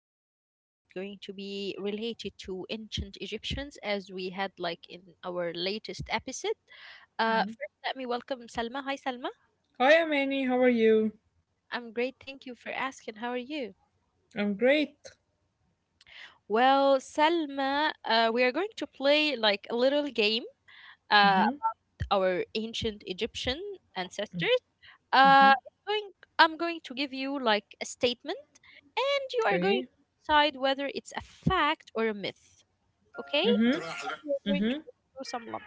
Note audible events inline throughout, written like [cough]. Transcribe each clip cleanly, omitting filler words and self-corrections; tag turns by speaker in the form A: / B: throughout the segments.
A: uh, episode is going to be related to ancient Egyptians, as we had like in our latest episode.
B: Mhm.
A: First, let me welcome Salma. Hi, Salma.
B: Hi, Amani. How are you?
A: I'm great. Thank you for asking. How are you?
B: I'm great.
A: Well, Salma, we are going to play like a little game. Uh,
B: Mhm.
A: our ancient Egyptian ancestors. Uh,
B: Mhm.
A: it's going, I'm going to give you like a statement, and you are
B: Okay.
A: going to decide whether it's a fact or a myth. Okay?
B: Mhm.
A: We're going to
B: Mhm.
A: go through some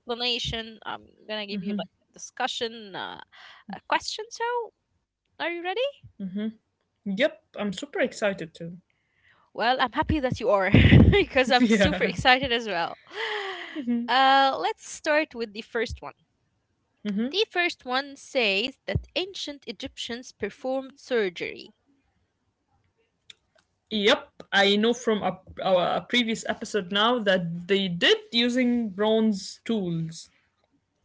A: explanation. I'm gonna give you like
B: Mhm.
A: a discussion, a question. So, are you ready?
B: Mhm. Yep. I'm super excited too.
A: Well, I'm happy that you are [laughs] because I'm
B: [laughs]
A: super
B: Yeah.
A: excited as well. Let's start with the first one. The first one says that ancient Egyptians performed surgery.
B: Yep. I know from our previous episode now that they did using bronze tools.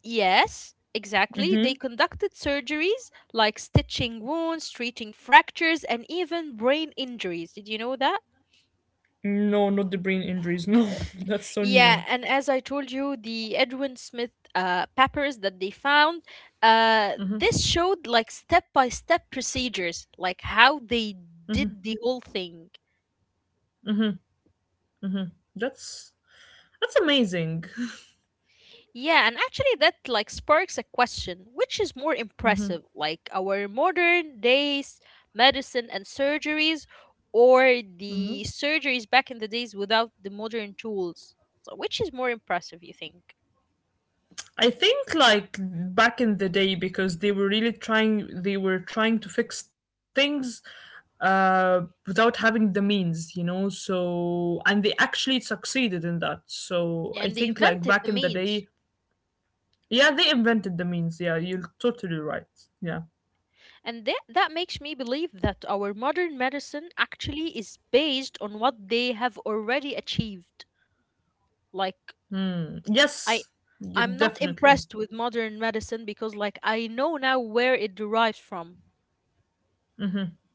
A: Yes, exactly. They
B: Mhm.
A: conducted surgeries like stitching wounds, treating fractures, and even brain injuries. Did you know that?
B: No, not the brain injuries. No, [laughs] that's so
A: Yeah,
B: new.
A: and as I told you, the Edwin Smith papers that they found, this showed like step by step procedures, like how they did the whole thing.
B: Mhm. That's that's amazing.
A: Yeah, and actually that like sparks a question, which is more
B: Mm-hmm.
A: impressive, like our modern days medicine and surgeries or the surgeries back in the days without the modern tools? So which is more impressive, you think?
B: I think like back in the day because they were trying to fix things, without having the means, you know. So and they actually succeeded in that. So I
A: And
B: think
A: they
B: like back
A: invented
B: in
A: the
B: the day,
A: means.
B: yeah, they invented the means. Yeah, you're totally right. Yeah.
A: And that makes me believe that our modern medicine actually is based on what they have already achieved. Like I
B: Yes,
A: I'm not
B: definitely.
A: impressed with modern medicine because like I know now where it derives from.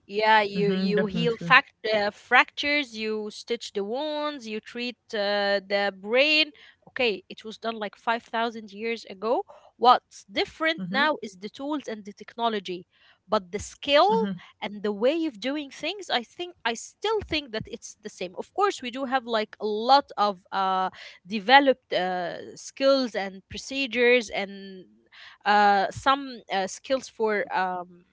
A: Yeah, you
B: Hmm,
A: you heal
B: definitely.
A: fact fractures, you stitch the wounds, you treat the brain. Okay, it was done like 5,000 years ago. What's different now is the tools and the technology, but the skill and the way of doing things, I still think that it's the same. Of course, we do have like a lot of developed skills and procedures and some skills for um,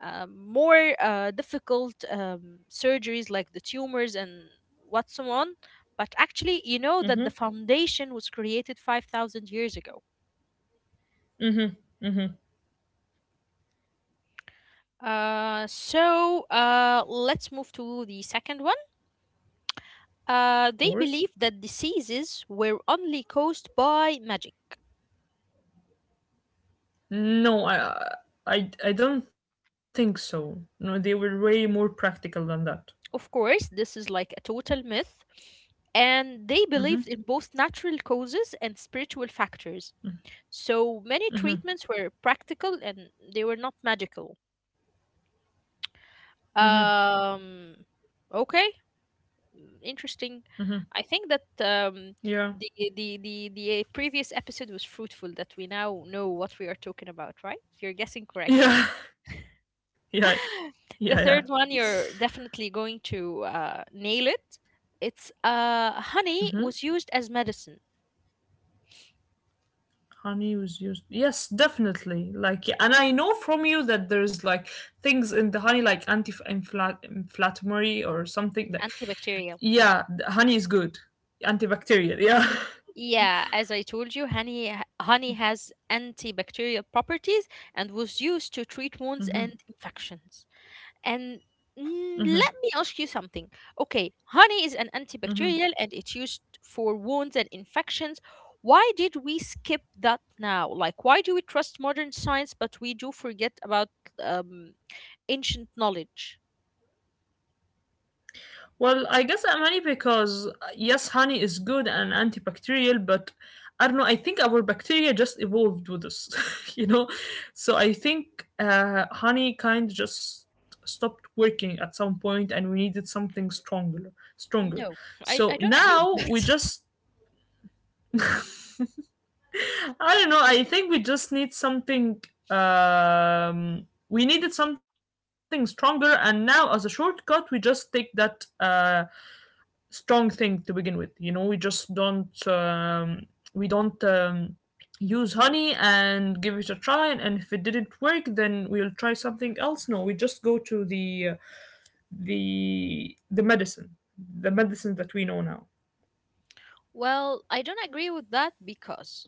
A: um, more uh, difficult um, surgeries like the tumors and what's so on. But actually, you know that the foundation was created 5,000 years ago. So let's move to the second one.
B: Of
A: They
B: course.
A: believe that diseases were only caused by magic.
B: No, I don't think so. No, they were way more practical than that.
A: Of course, this is like a total myth, and they believed in both natural causes and spiritual factors. So many treatments were practical and they were not magical. Um, okay. Mm, interesting. I think that
B: Yeah.
A: the previous episode was fruitful. That we now know what we are talking about, right? You're guessing correct.
B: Yeah, [laughs] yeah, yeah,
A: [laughs]
B: yeah.
A: The third one, you're definitely going to nail it. It's honey was used as medicine,
B: Honey was used. Yes, definitely. Like, yeah, and I know from you that there's like things in the honey, like anti-inflammatory or something. Like,
A: antibacterial.
B: yeah, the honey is good, antibacterial. Yeah. [laughs]
A: Yeah, as I told you, honey has antibacterial properties and was used to treat wounds and infections. And mm, let me ask you something. Okay, honey is an antibacterial and it's used for wounds and infections. Why did we skip that now? Like, why do we trust modern science, but we do forget about um, ancient knowledge?
B: Well, I guess I'm honey because, yes, honey is good and antibacterial, but I don't know. I think our bacteria just evolved with us, [laughs] you know. So I think honey kind of just stopped working at some point, and we needed something stronger.
A: No,
B: So
A: I don't agree with
B: now we
A: that.
B: just, [laughs] I don't know. I think we just need something. We needed something stronger, and now as a shortcut, we just take that. Strong thing to begin with, you know, we just don't, we don't, use honey and give it a try, and if it didn't work then we'll try something else. No, we just go to the medicine, the medicine that we know now.
A: Well, I don't agree with that because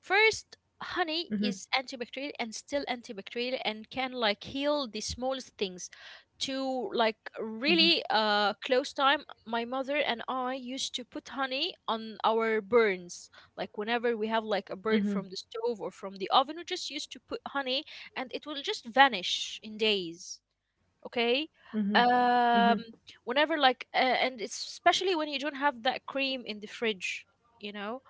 A: first, honey is antibacterial and still antibacterial and can like heal the smallest things. To like really close time, my mother and I used to put honey on our burns. Like whenever we have like a burn from the
B: Hmm.
A: stove or from the oven, we just used to put honey and it will just vanish in days. Okay.
B: Hmm. Hmm.
A: um Whenever like and especially when you don't have that cream in the fridge, you know.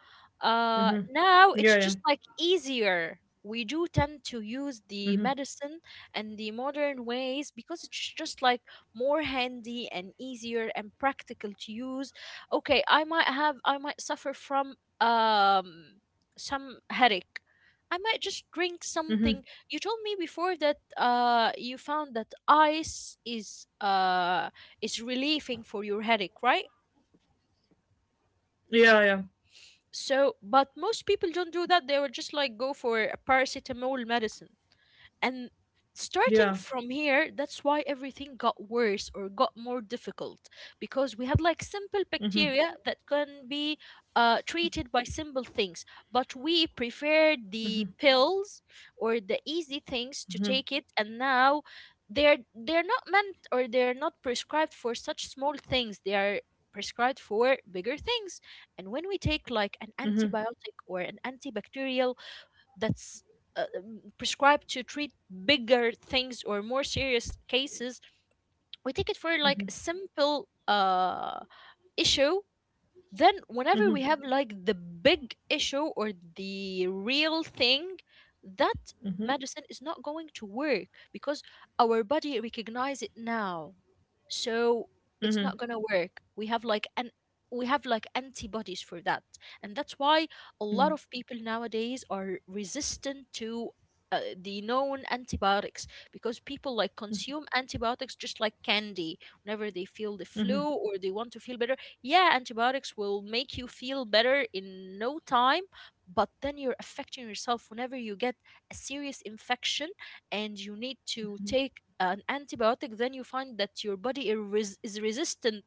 B: Hmm.
A: Now it's
B: Yeah,
A: just
B: yeah.
A: like easier, we do tend to use the
B: Hmm.
A: medicine and the modern ways because it's just like more handy and easier and practical to use. Okay, I might suffer from um some headache, I might just drink something.
B: Hmm.
A: You told me before that you found that ice is relieving for your headache, right?
B: Yeah, yeah,
A: So, but most people don't do that. They will just like go for a paracetamol medicine. And starting
B: yeah.
A: from here, that's why everything got worse or got more difficult because we had like simple bacteria that can be treated by simple things, but we preferred the pills or the easy things to take it, and now they're not meant or they're not prescribed for such small things. They are prescribed for bigger things, and when we take like an
B: Hmm.
A: antibiotic or an antibacterial that's prescribed to treat bigger things or more serious cases, we take it for like a
B: Hmm.
A: simple issue, then, whenever we have
B: Hmm.
A: like the big issue or the real thing, that medicine
B: Hmm.
A: is not going to work because our body recognize it now. So it's
B: Hmm.
A: not gonna work. We have like antibodies for that, and that's why a lot of people nowadays are resistant to the known antibiotics because people like consume antibiotics just like candy whenever they feel the flu or they want to feel better. Yeah, antibiotics will make you feel better in no time, but then you're affecting yourself whenever you get a serious infection and you need to take an antibiotic, then you find that your body is resistant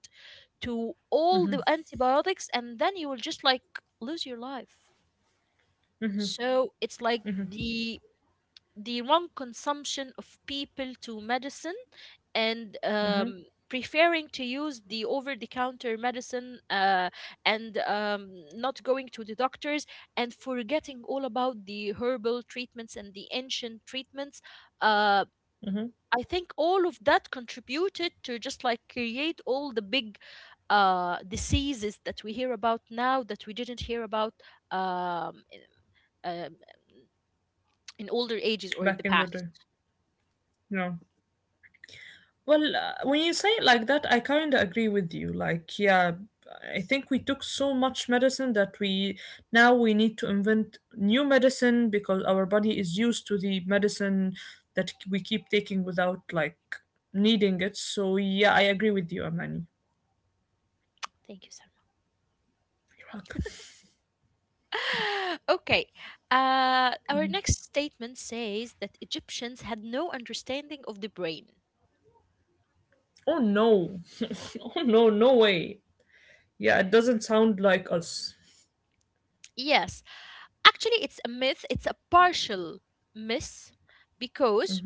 A: to all the antibiotics, and then you will just like lose your life. So it's like the wrong consumption of people to medicine and
B: Hmm.
A: preferring to use the over the counter medicine and not going to the doctors and forgetting all about the herbal treatments and the ancient treatments. Uh,
B: Hmm.
A: I think all of that contributed to just like create all the big diseases that we hear about now that we didn't hear about um, in, um, in older ages or in
B: Back
A: the
B: in the
A: past.
B: day. No. Well, when you say it like that, I kind of agree with you. Like, yeah, I think we took so much medicine that we now we need to invent new medicine because our body is used to the medicine that we keep taking without like needing it. So yeah, I agree with you, Amani.
A: Thank you so
B: You're welcome.
A: [laughs] okay. Our next statement says that Egyptians had no understanding of the brain.
B: Oh no, [laughs] oh no, no way. Yeah, it doesn't sound like us.
A: Yes, actually, it's a myth, it's a partial myth because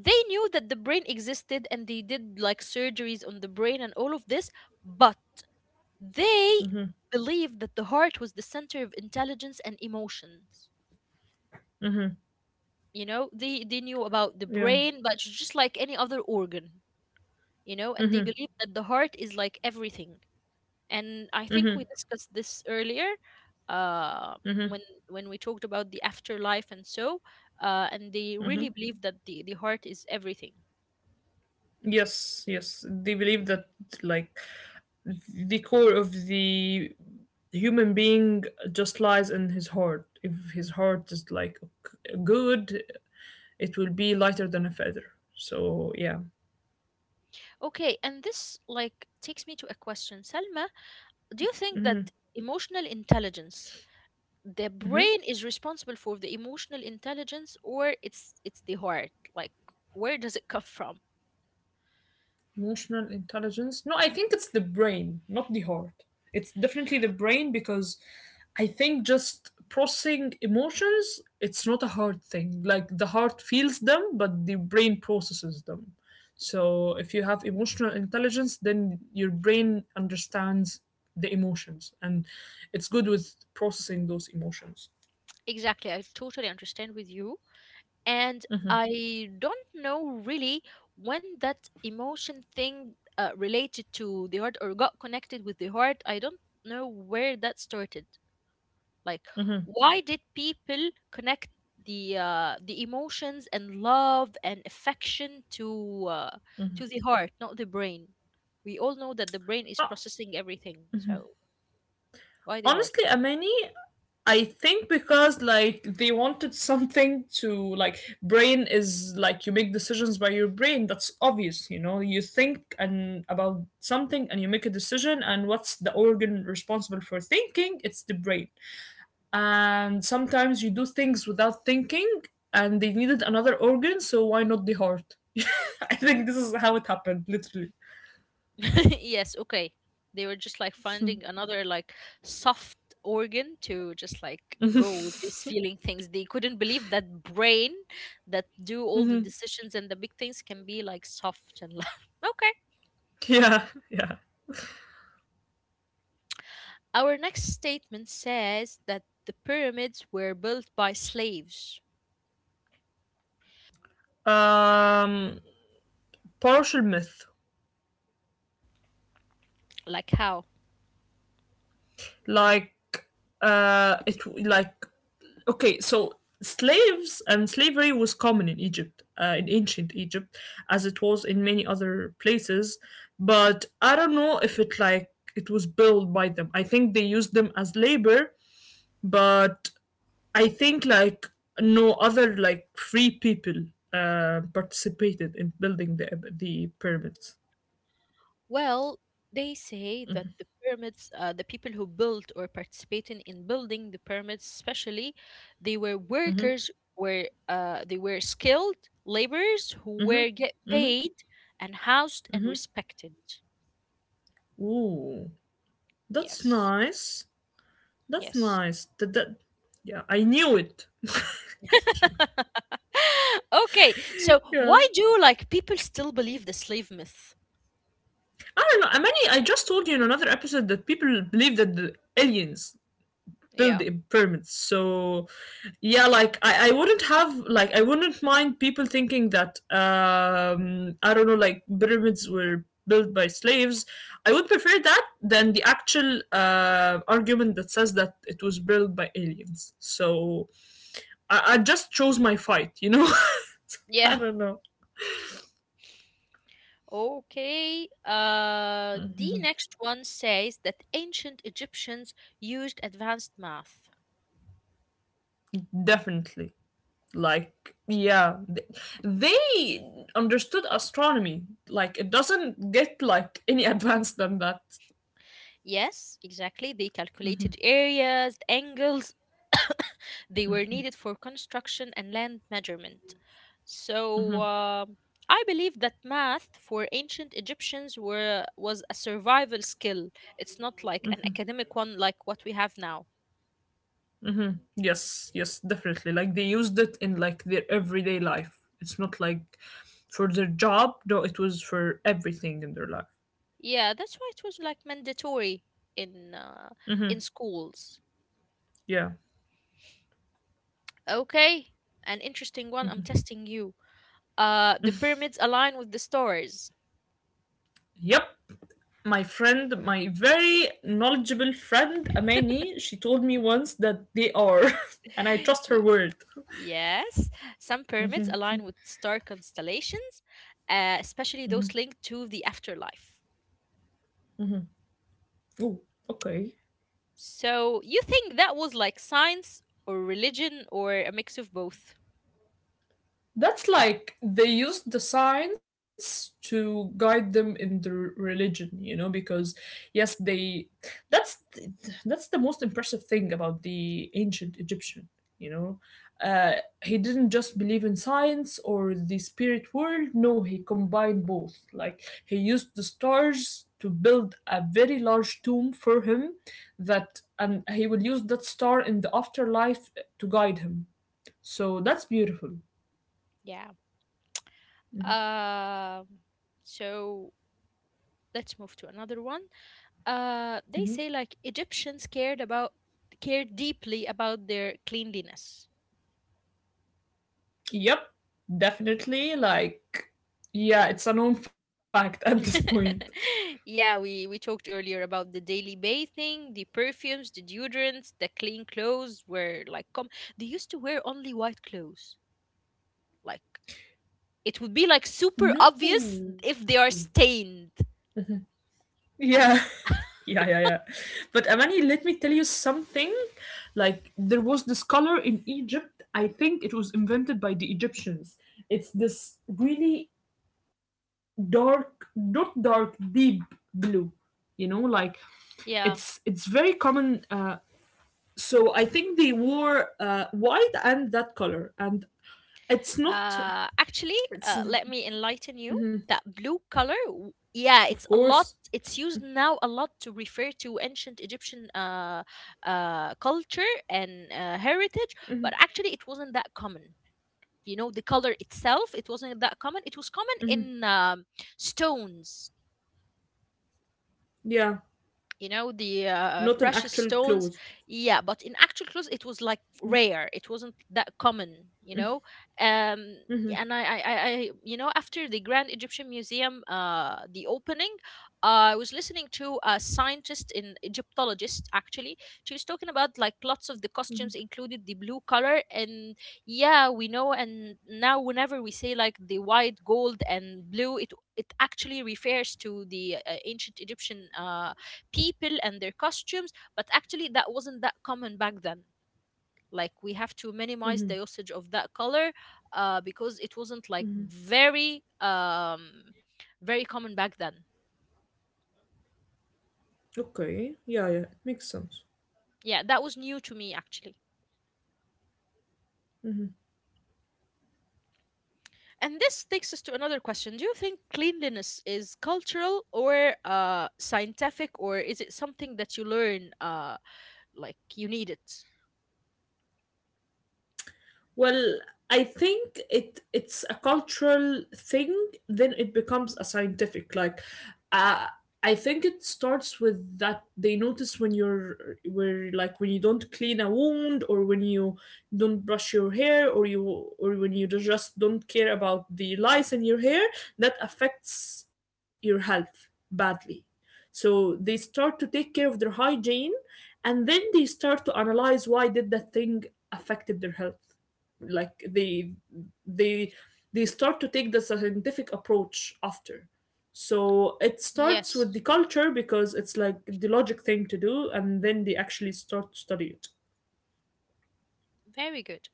A: they knew that the brain existed and they did like surgeries on the brain and all of this, but they
B: Mm-hmm.
A: believed that the heart was the center of intelligence and emotions.
B: Mm-hmm.
A: You know, they knew about the
B: Yeah.
A: brain, but it's just like any other organ, you know, and they
B: Mm-hmm.
A: believe that the heart is like everything, and I think
B: Mm-hmm.
A: we discussed this earlier, um,
B: Mm-hmm.
A: when we talked about the afterlife and so and they
B: Mm-hmm.
A: really believe that the heart is everything.
B: Yes, yes. They believe that like the core of the human being just lies in his heart. If his heart is like good, it will be lighter than a feather. So yeah.
A: Okay, and this like takes me to a question, Selma. Do you think that the brain is responsible for the emotional intelligence, or it's the heart? Like, where does it come from?
B: Emotional intelligence? No, I think it's the brain, not the heart. It's definitely the brain because I think just processing emotions, it's not a hard thing. Like the heart feels them, but the brain processes them. So if you have emotional intelligence, then your brain understands the emotions and it's good with processing those emotions.
A: Exactly, I totally understand with you, and I don't know really when that emotion thing related to the heart or got connected with the heart. I don't know where that started. Like, why did people connect the emotions and love and affection to the heart, not the brain? We all know that the brain is
B: Uh,
A: processing everything, so why the heart?
B: Honestly, Amani, I think because like they wanted something to like brain is like you make decisions by your brain. That's obvious, you know. You think and about something and you make a decision, and what's the organ responsible for thinking? It's the brain. And sometimes you do things without thinking and they needed another organ, so why not the heart? [laughs] I think this is how it happened, literally.
A: [laughs] Yes, okay. They were just like finding another like soft organ to just like go with
B: [laughs]
A: these feeling things. They couldn't believe that brain that do all the
B: Mhm.
A: decisions and the big things can be like soft and [laughs] love. Okay.
B: Yeah, yeah.
A: Our next statement says that the pyramids were built by slaves.
B: Um Partial myth.
A: Like how?
B: Like it like Okay, so slaves and slavery was common in Egypt, in ancient Egypt as it was in many other places, but I don't know if it was built by them. I think they used them as labor, but I think like no other like free people, participated in building the pyramids.
A: Well, they say that the pyramids, the people who built or participated in building the pyramids, especially, they were
B: Hmm.
A: workers were they were skilled laborers who were get paid and housed and respected.
B: Ooh, that's
A: Yes,
B: nice. That's
A: yes.
B: nice. That, yeah, I knew it. [laughs] I knew it.
A: [laughs] Okay, so
B: Yeah.
A: why do like people still believe the slave myth?
B: I don't know. I mean, I just told you in another episode that people believe that the aliens build
A: Yeah,
B: the pyramids. So yeah, like I wouldn't have like I wouldn't mind people thinking that, I don't know, like pyramids were built by slaves. I would prefer that than the actual, argument that says that it was built by aliens. So I just chose my fight, you know? [laughs]
A: yeah.
B: I don't know.
A: Okay, the next one says that ancient Egyptians used advanced math.
B: Definitely. Like, yeah, they understood astronomy. Like, it doesn't get like any [laughs] advanced than that.
A: Yes, exactly. They calculated areas, angles. They were needed for construction and land measurement. So I believe that math for ancient Egyptians were was a survival skill. It's not like an academic one like what we have now.
B: Yes, yes, definitely. Like, they used it in like their everyday life. It's not like for their job. No, it was for everything in their life.
A: Yeah, that's why it was like mandatory in uh, in schools.
B: Yeah.
A: Okay, an interesting one. I'm testing you. The pyramids align with the stars.
B: Yep. My friend, my very knowledgeable friend
A: [laughs]
B: Amani, she told me once that they are, [laughs] and I trust her
A: Y-
B: word.
A: yes, some pyramids align with star constellations, especially those linked to the afterlife.
B: Oh, okay.
A: So you think that was like science or religion or a mix of both?
B: That's like they used the science to guide them in the religion, you know, because yes, they that's that's the most impressive thing about the ancient Egyptian, you know. Uh, he didn't just believe in science or the spirit world, no, he combined both. Like he used the stars to build a very large tomb for him that, and he will use that star in the afterlife to guide him. So that's beautiful.
A: Yeah. Um, so let's move to another one. They say like Egyptians cared about cared deeply about their cleanliness.
B: Yep, definitely. Like, yeah, it's a known fact at this point.
A: [laughs] Yeah, we talked earlier about the daily bathing, the perfumes, the deodorants, they used to wear only white clothes. Like it would be like super obvious
B: No.
A: if they are stained.
B: Yeah, [laughs] yeah, yeah, yeah. But Amani, let me tell you something. Like, there was this color in Egypt. I think it was invented by the Egyptians. It's this really dark, not dark, deep blue. You know, like
A: Yeah.
B: it's very common. So I think they wore, white and that color, and it's not.
A: Actually, let
B: It's
A: me enlighten you. That blue color,
B: of
A: yeah, it's a
B: course,
A: lot it's used now a lot to refer to ancient Egyptian culture and heritage, but actually it wasn't that common. You know, the color itself, it wasn't that common. It was common in stones,
B: yeah,
A: you know, the
B: not an
A: precious
B: actual
A: stones.
B: clothes.
A: Yeah, but in actual clothes it was like rare, it wasn't that common, you know. um and
B: Hmm.
A: after the Grand Egyptian Museum the opening, I was listening to a scientist in egyptologist actually. She was talking about like lots of the costumes included the blue color. And yeah, we know, and now whenever we say like the white gold and blue, it actually refers to the ancient Egyptian people and their costumes, but actually that wasn't that common back then. Like we have to minimize the usage of that color because it wasn't like very very common back then.
B: Okay, yeah, yeah, it makes sense.
A: Yeah, that was new to me actually. And this takes us to another question. Do you think cleanliness is cultural or scientific, or is it something that you learn, like you need it?
B: Well, I think it's a cultural thing. Then it becomes a scientific. Like, uh, I think it starts with that they notice when you're where like when you don't clean a wound, or when you don't brush your hair, or you or when you just don't care about the lice in your hair, that affects your health badly. So they start to take care of their hygiene, and then they start to analyze why did that thing affected their health, like they they start to take the scientific approach after. So it starts with
A: Yes,
B: the culture because it's like the logic thing to do, and then they actually start to study it.
A: very good.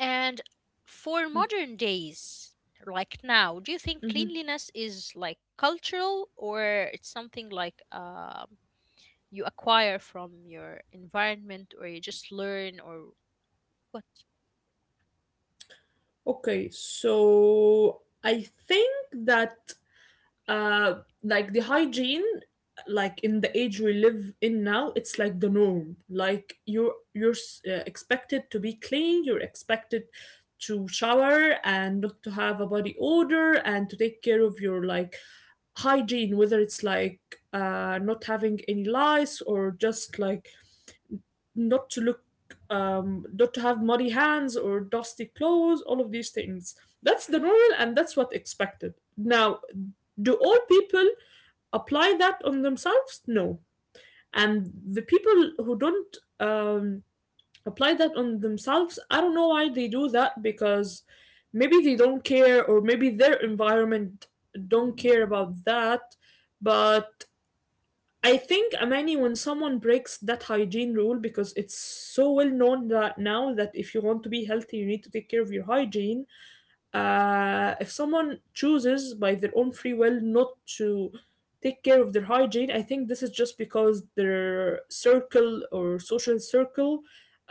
A: And for modern days, like now, do you think cleanliness is like cultural or it's something like you acquire from your environment or you just learn, or what?
B: Okay, so I think that, uh like the hygiene, like in the age we live in now, it's like the norm. Like you're expected to be clean, you're expected to shower and not to have a body odor and to take care of your like hygiene, whether it's like, not having any lice, or just like not to look, not to have muddy hands or dusty clothes, all of these things. That's the normal and that's what expected now. Do all people apply that on themselves? No. And the people who don't, apply that on themselves, I don't know why they do that, because maybe they don't care, or maybe their environment don't care about that. But I think, Amani, when someone breaks that hygiene rule, because it's so well known that now that if you want to be healthy, you need to take care of your hygiene, if someone chooses by their own free will not to take care of their hygiene, I think this is just because their circle or social circle,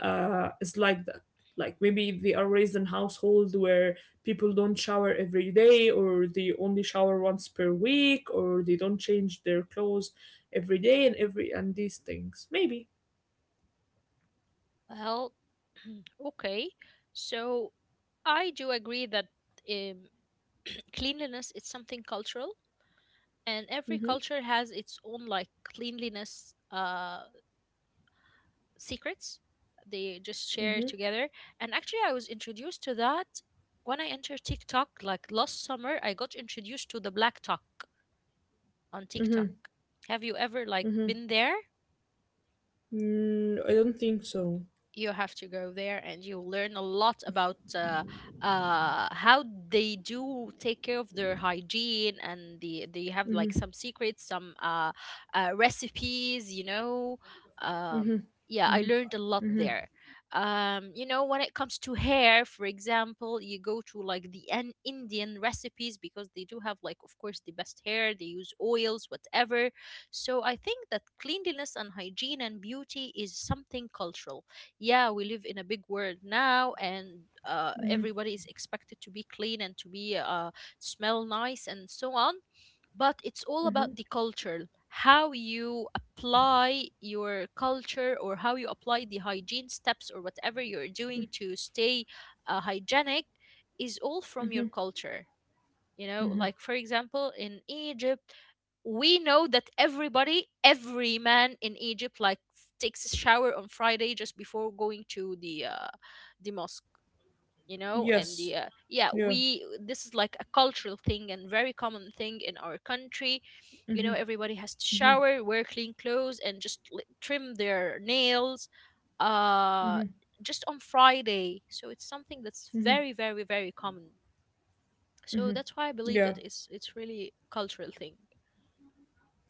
B: is like that. Like maybe they are raised in a household where people don't shower every day, or they only shower once per week, or they don't change their clothes every day, and every and these things. Maybe.
A: Well, [clears throat] okay. So I do agree that um, [clears throat] cleanliness is something cultural, and every
B: Mm-hmm,
A: culture has its own like cleanliness secrets they just share
B: mm-hmm,
A: together. And actually, I was introduced to that when I entered TikTok. Like last summer, I got introduced to the Black Talk on TikTok.
B: mm-hmm,
A: Have you ever like
B: mm-hmm.
A: been there?
B: Mm, I don't think so.
A: You have to go there and you'll learn a lot about how they do take care of their hygiene and they have like some secrets, some recipes, um,
B: Mm-hmm,
A: yeah, I
B: mm-hmm,
A: learned a lot
B: mm-hmm.
A: there. You know, when it comes to hair, for example, you go to like the Indian recipes because they do have like of course the best hair, they use oils whatever. So I think that cleanliness and hygiene and beauty is something cultural. Yeah, we live in a big world now, and
B: Mm-hmm.
A: everybody is expected to be clean and to be smell nice and so on. But it's all about
B: Hmm.
A: the culture, how you apply your culture or how you apply the hygiene steps or whatever you're doing to stay hygienic, is all from your culture. You know,
B: Hmm.
A: like for example in Egypt, we know that everybody, every man in Egypt, like takes a shower on Friday just before going to the mosque. You know, and the
B: Yes.
A: yeah,
B: Yeah.
A: we this is like a cultural thing and very common thing in our country. You know, everybody has to shower, wear clean clothes, and just trim their nails. Uh, just on Friday. So it's something that's very, very, very common. So that's why I believe
B: Yeah.
A: that it's really cultural thing.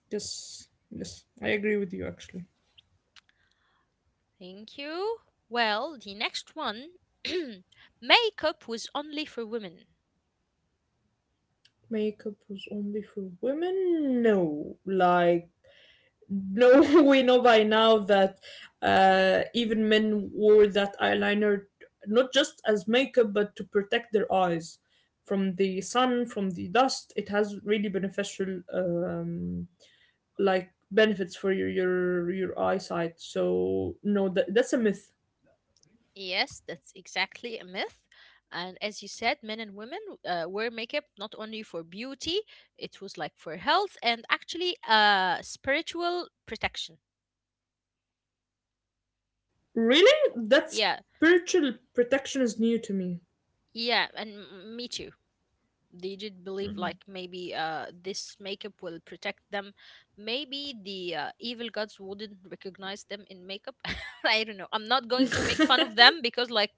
B: Yes. Yes. I agree with you actually.
A: Thank you. Well, the next one, [clears throat] makeup was only for women.
B: Makeup was only for women? No. Like no, [laughs] we know by now that, even men wore that eyeliner, not just as makeup but to protect their eyes from the sun, from the dust. It has really beneficial, like benefits for your eyesight. So no, that's a myth.
A: Yes, that's exactly a myth. And as you said, men and women wear makeup not only for beauty, it was like for health and actually spiritual protection.
B: Really? That
A: Yeah,
B: spiritual protection is new to me.
A: yeah, and me too. They did believe like maybe this makeup will protect them, maybe the evil gods wouldn't recognize them in makeup. [laughs] I don't know, I'm not going to make fun of
B: Mm-hmm.
A: them because like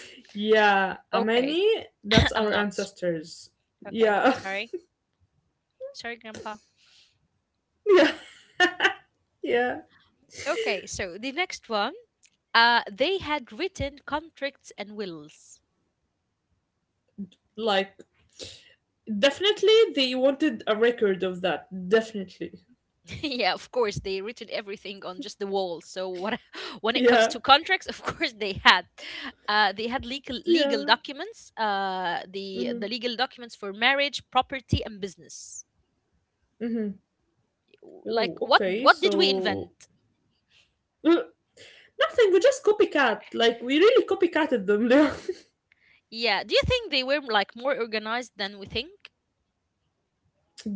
B: [laughs] Yeah,
A: okay.
B: Amani,
A: [clears throat]
B: that's
A: [coughs] I'm
B: our
A: not
B: ancestors.
A: okay,
B: Yeah.
A: sorry. Sorry, grandpa.
B: [laughs] yeah. Yeah.
A: Okay, so the next one, they had written contracts and wills.
B: Like, definitely they wanted a record of that. Definitely.
A: [laughs] Yeah, of course, they written everything on just the wall. So what, [laughs] when it comes
B: Yeah.
A: to contracts, of course, they had legal
B: Yeah.
A: documents, the
B: Mm-hmm.
A: legal documents for marriage, property, and business.
B: Mm-hmm. Oh,
A: Like what
B: okay,
A: what did we
B: so.
A: invent?
B: Uh, Nothing, we just copycat. Like we really copycatted them. [laughs]
A: Yeah, do you think they were like more organized than we think?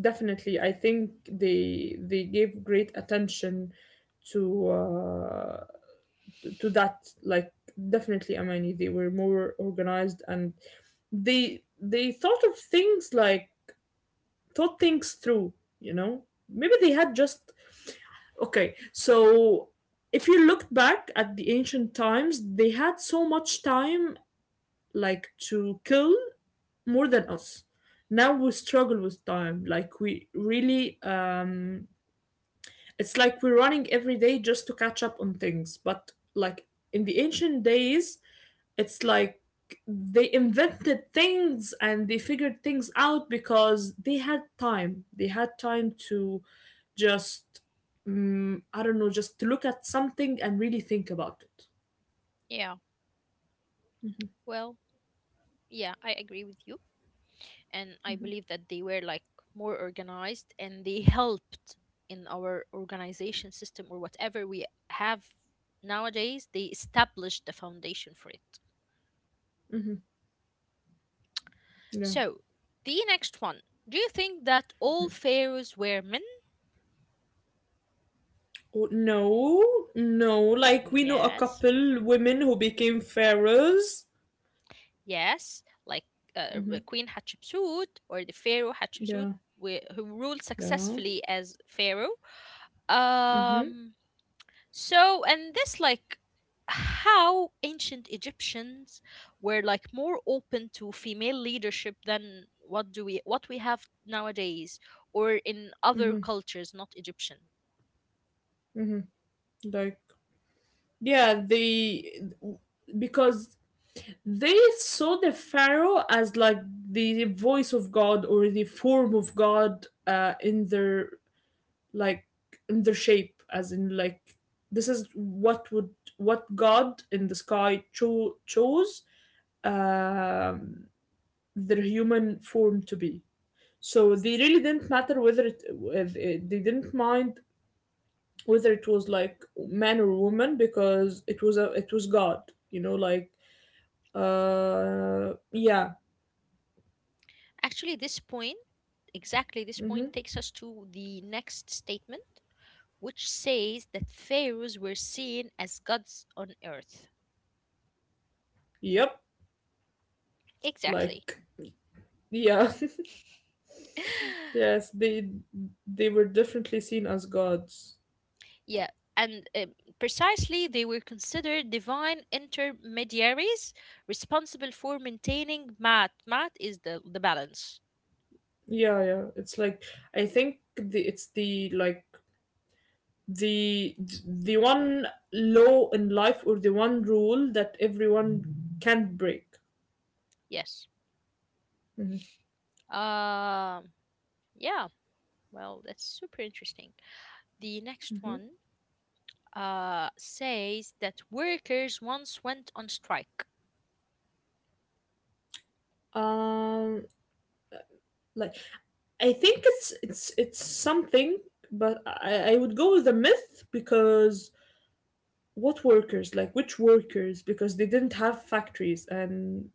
B: Definitely, I think they gave great attention to to that like definitely Amani, they were more organized and they thought of things like thought things through. you know Maybe they had just okay so if you looked back at the ancient times, they had so much time, like to kill, more than us now. We struggle with time, like we really it's like we're running every day just to catch up on things, but like in the ancient days, it's like they invented things and they figured things out because they had time. They had time to just I don't know, just to look at something and really think about it.
A: Yeah, well, yeah, I agree with you. And I believe that they were like more organized and they helped in our organization system or whatever we have nowadays. They established the foundation for it.
B: Yeah.
A: So, the next one. Do you think that all pharaohs were men?
B: Oh, no. No, like we know a
A: Yes.
B: couple women who became pharaohs.
A: Yes, like Queen Hatshepsut or the pharaoh Hatshepsut,
B: Yeah.
A: who ruled
B: Yeah.
A: successfully as pharaoh. Um So, and this like, how ancient Egyptians were like more open to female leadership than what do we what we have nowadays, or in other
B: Mm-hmm,
A: cultures, not Egyptian.
B: mm-hmm. Like yeah, they, because they saw the pharaoh as like the voice of God or the form of God, in their, like in their shape, as in like this is what would, what God in the sky chose um, their human form to be. So they really didn't matter whether it, whether they didn't mind whether it was like man or woman, because it was a, it was God, you know, like yeah.
A: Actually, this point, exactly this
B: Mm-hmm.
A: point takes us to the next statement, which says that pharaohs were seen as gods on earth.
B: Yep,
A: Exactly.
B: like yeah, [laughs]
A: [laughs]
B: yes, they were definitely seen as gods.
A: Yeah, and precisely they were considered divine intermediaries responsible for maintaining mat. Mat is the balance.
B: Yeah, yeah. It's like I think the it's the like the the one law in life, or the one rule that everyone can't break.
A: Yes.
B: Mhm,
A: Um, yeah, well, that's super interesting. The next
B: mhm.
A: one says that workers once went on strike.
B: Um, like I think it's something, but I would go with the myth, because what workers, like which workers? Because they didn't have factories, and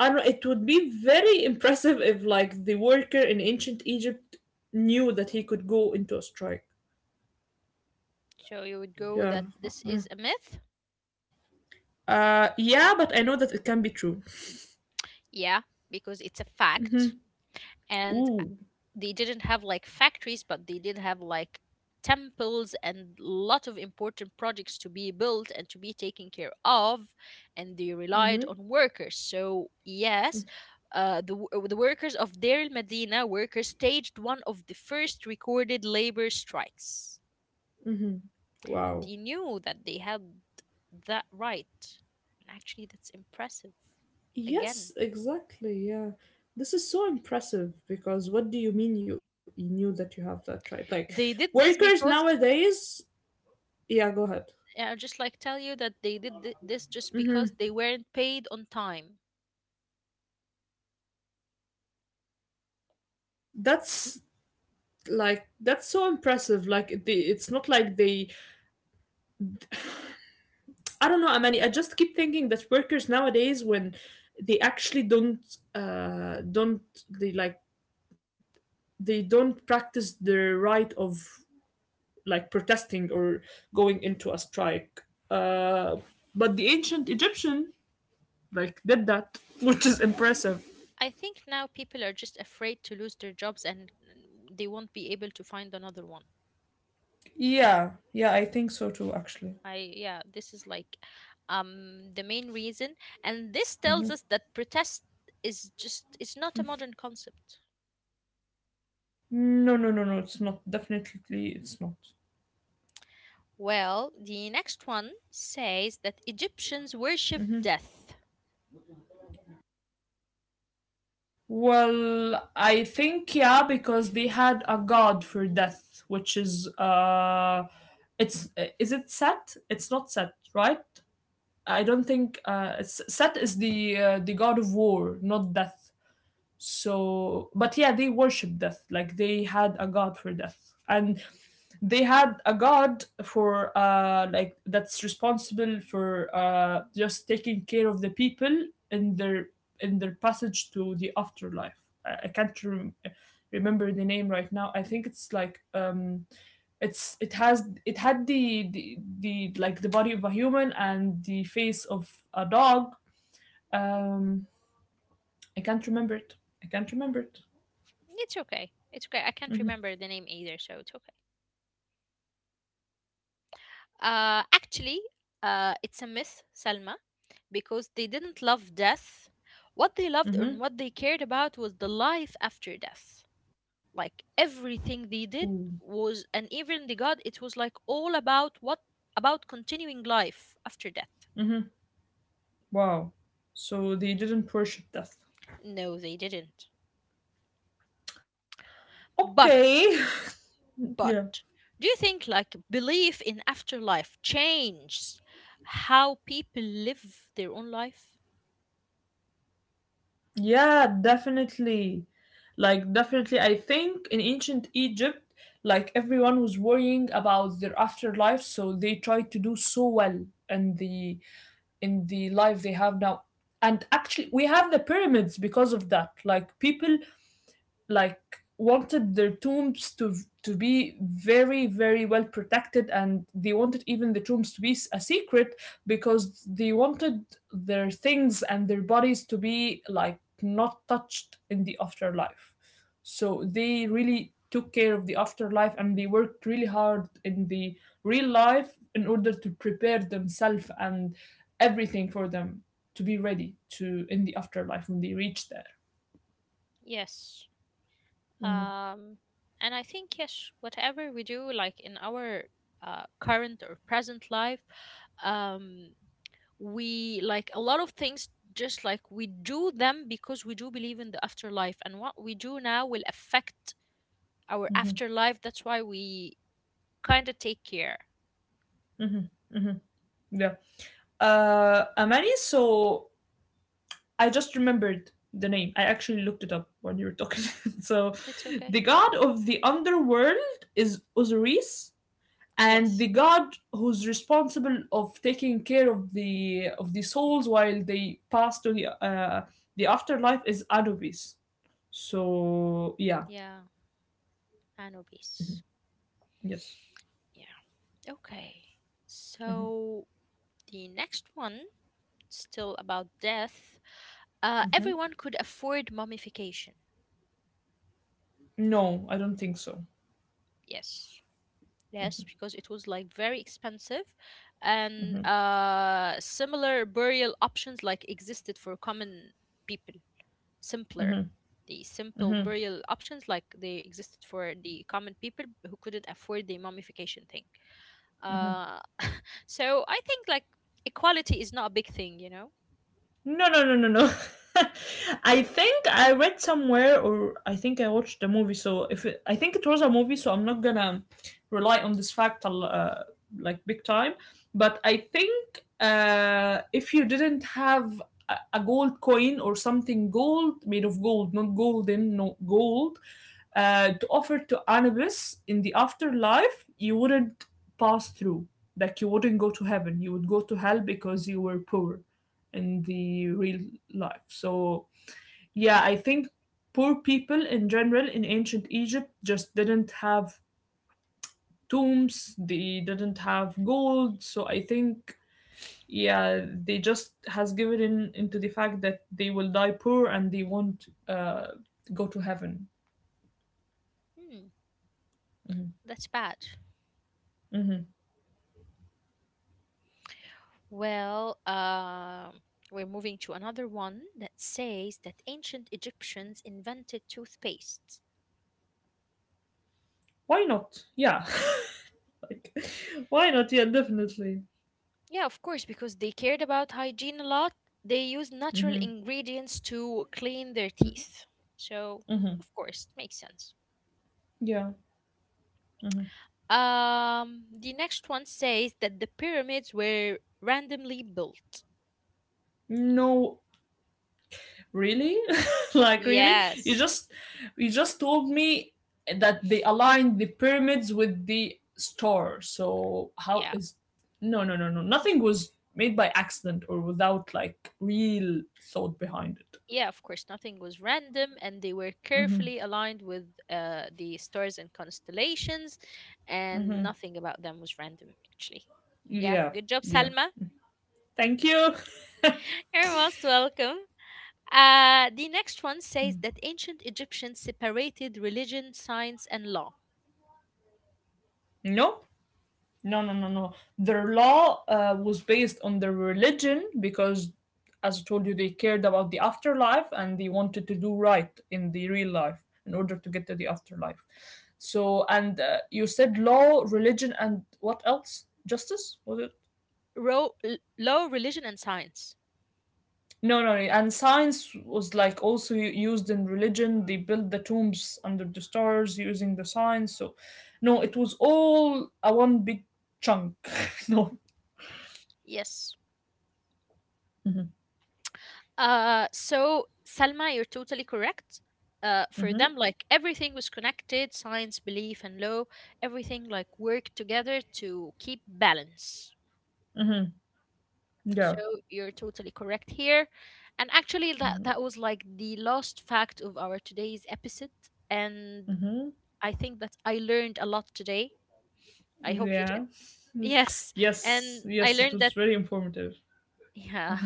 B: I don't know, it would be very impressive if like the worker in ancient Egypt knew that he could go into a strike.
A: So you would go
B: Yeah.
A: that this
B: Uh-uh.
A: is a myth?
B: uh yeah, but I know that it can be true.
A: Yeah, because it's a fact. And
B: Ooh,
A: they didn't have like factories, but they did have like temples and lot of important projects to be built and to be taken care of, and they relied on workers. So yes, the workers of Deir el Medina workers staged one of the first recorded labor strikes. And they
B: wow.
A: knew that they had that right. And actually, that's impressive. Again,
B: Yes, exactly. Yeah. This is so impressive, because what do you mean you, you knew that you have that right? Like
A: they did this
B: workers
A: because,
B: nowadays, yeah, go ahead.
A: and I just like tell you that they did this just because they weren't paid on time.
B: That's like that's so impressive. Like they, it's not like they, I don't know, Amani. I just keep thinking that workers nowadays, when they actually don't, don't, they like they don't practice their right of like protesting or going into a strike. Uh, but the ancient Egyptian like did that, [laughs] which is impressive.
A: I think now people are just afraid to lose their jobs and they won't be able to find another one.
B: Yeah, yeah, I think so too. Actually,
A: I Yeah, this is like the main reason, and this tells us that protest is just it's not a modern concept.
B: no, no, no, no. It's not. Definitely, it's not.
A: Well, the next one says that Egyptians worship death.
B: Well, I think yeah, because they had a god for death, which is it's, is it Set? It's not Set, right? I don't think Set is the god of war, not death. So but yeah, they worship death, like they had a god for death, and they had a god for like that's responsible for just taking care of the people in their, in their passage to the afterlife. I can't remember the name right now. I think it's like it's, it has, it had the like the body of a human and the face of a dog. um i can't remember it I can't remember it.
A: It's okay. It's okay. I can't
B: Mm-hmm.
A: remember the name either, so it's okay. Actually, it's a myth, Salma, because they didn't love death. What they loved
B: Mm-hmm.
A: and what they cared about was the life after death. Like everything they did
B: Mm.
A: was, and even the god, it was like all about what about continuing life after death.
B: Wow. So they didn't worship death.
A: No, they didn't. But,
B: Okay. [laughs] yeah.
A: but, do you think like belief in afterlife changed how people live their own life?
B: Yeah, definitely. Like, definitely. I think in ancient Egypt, like, everyone was worrying about their afterlife, so they tried to do so well in the, in the life they have now. And actually, we have the pyramids because of that. Like, people like wanted their tombs to be very very well protected, and they wanted even the tombs to be a secret, because they wanted their things and their bodies to be like not touched in the afterlife. So they really took care of the afterlife, and they worked really hard in the real life in order to prepare themselves and everything for them to be ready to in the afterlife when they reach there.
A: Yes.
B: Mhm,
A: Um, and I think, yes, whatever we do, like in our current or present life, um, we like a lot of things, just like we do them because we do believe in the afterlife. And what we do now will affect our
B: mhm,
A: afterlife. That's why we kind of take care.
B: mhm, mhm. Yeah. Amani, so I just remembered the name. I actually looked it up when you were talking. [laughs] So,
A: It's
B: the
A: okay.
B: god of the underworld is Osiris, and
A: Yes.
B: the god who's responsible of taking care of the, of the souls while they pass to the afterlife is Anubis. So, yeah.
A: Yeah. Anubis.
B: Yes.
A: Yeah. Okay. So the next one, still about death,
B: Mhm.
A: everyone could afford mummification.
B: No, I don't think so.
A: Yes. Yes, because it was like very expensive and similar burial options like existed for common people. Simpler.
B: Mhm.
A: The simple burial options like they existed for the common people who couldn't afford the mummification thing. Uh, [laughs] so I think like equality is not a big thing, you know?
B: No, no, no, no, no. [laughs] I think I read somewhere, or I think I watched the movie. So if it, I think it was a movie, so I'm not gonna rely on this fact like big time. But I think if you didn't have a gold coin, or something gold, made of gold, not golden, no gold, to offer to Anubis in the afterlife, you wouldn't pass through. Like you wouldn't go to heaven. You would go to hell because you were poor in the real life. So, yeah, I think poor people in general in ancient Egypt just didn't have tombs, they didn't have gold. So, I think yeah, they just has given in into the fact that they will die poor and they won't go to heaven.
A: Hmm, that's bad.
B: Hmm.
A: Well, we're moving to another one that says that ancient Egyptians invented toothpaste.
B: Why not? Yeah, [laughs] like, [laughs] why not? Yeah, definitely.
A: Yeah, of course, because they cared about hygiene a lot. They used natural
B: Mm-hmm.
A: ingredients to clean their teeth. So,
B: Mm-hmm.
A: of course, it makes sense.
B: Yeah. Mm-hmm.
A: The next one says that the pyramids were randomly built.
B: No, really? [laughs] Like really? You
A: Yes.
B: just, you just told me that they aligned the pyramids with the star. So how
A: Yeah.
B: is no no no no, nothing was made by accident or without like real thought behind it.
A: Yeah, of course, nothing was random, and they were carefully aligned with the stars and constellations, and nothing about them was random, actually. Yeah,
B: Yeah.
A: good job,
B: Yeah.
A: Salma.
B: Thank you. [laughs]
A: [laughs] You're most welcome. The next one says that ancient Egyptians separated religion, science, and law.
B: No. No, no, no, no. Their law was based on their religion because, as I told you, they cared about the afterlife and they wanted to do right in the real life in order to get to the afterlife. So, and you said law, religion, and what else? Justice? Was it?
A: Law, religion, and science.
B: No, no, no. And science was like also used in religion. They built the tombs under the stars using the science. So, no, it was all a one big chunk. [laughs] no.
A: Yes.
B: Hmm.
A: So Salma, you're totally correct. For
B: Hmm.
A: them, like everything was connected, science, belief, and law, everything like worked together to keep balance.
B: Yeah.
A: So you're totally correct here. And actually, that was like the last fact of our today's episode. And
B: Mm-hmm.
A: I think that I learned a lot today. I hope you did.
B: Yeah.
A: Yes,
B: Yes.
A: and I
B: Yes, it
A: learned
B: was
A: that.
B: very informative.
A: Yeah.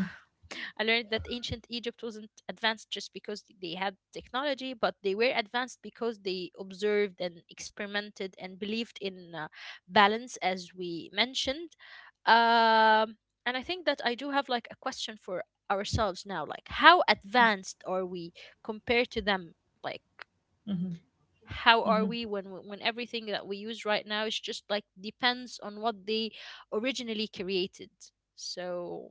A: [laughs] I learned that ancient Egypt wasn't advanced just because they had technology, but they were advanced because they observed and experimented and believed in balance, as we mentioned. Um, and I think that I do have like a question for ourselves now, like how advanced are we compared to them? Like
B: Mm-hmm.
A: how are
B: Mm-hmm.
A: we when everything that we use right now is just like depends on what they originally created. So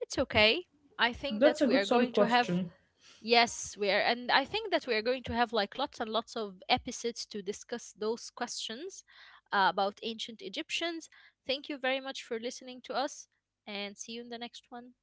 A: it's okay. I think
B: That's
A: that
B: a
A: we
B: good
A: are
B: solid
A: going to have
B: question.
A: yes, we are, and I think that we are going to have like lots and lots of episodes to discuss those questions about ancient Egyptians. Thank you very much for listening to us, and see you in the next one.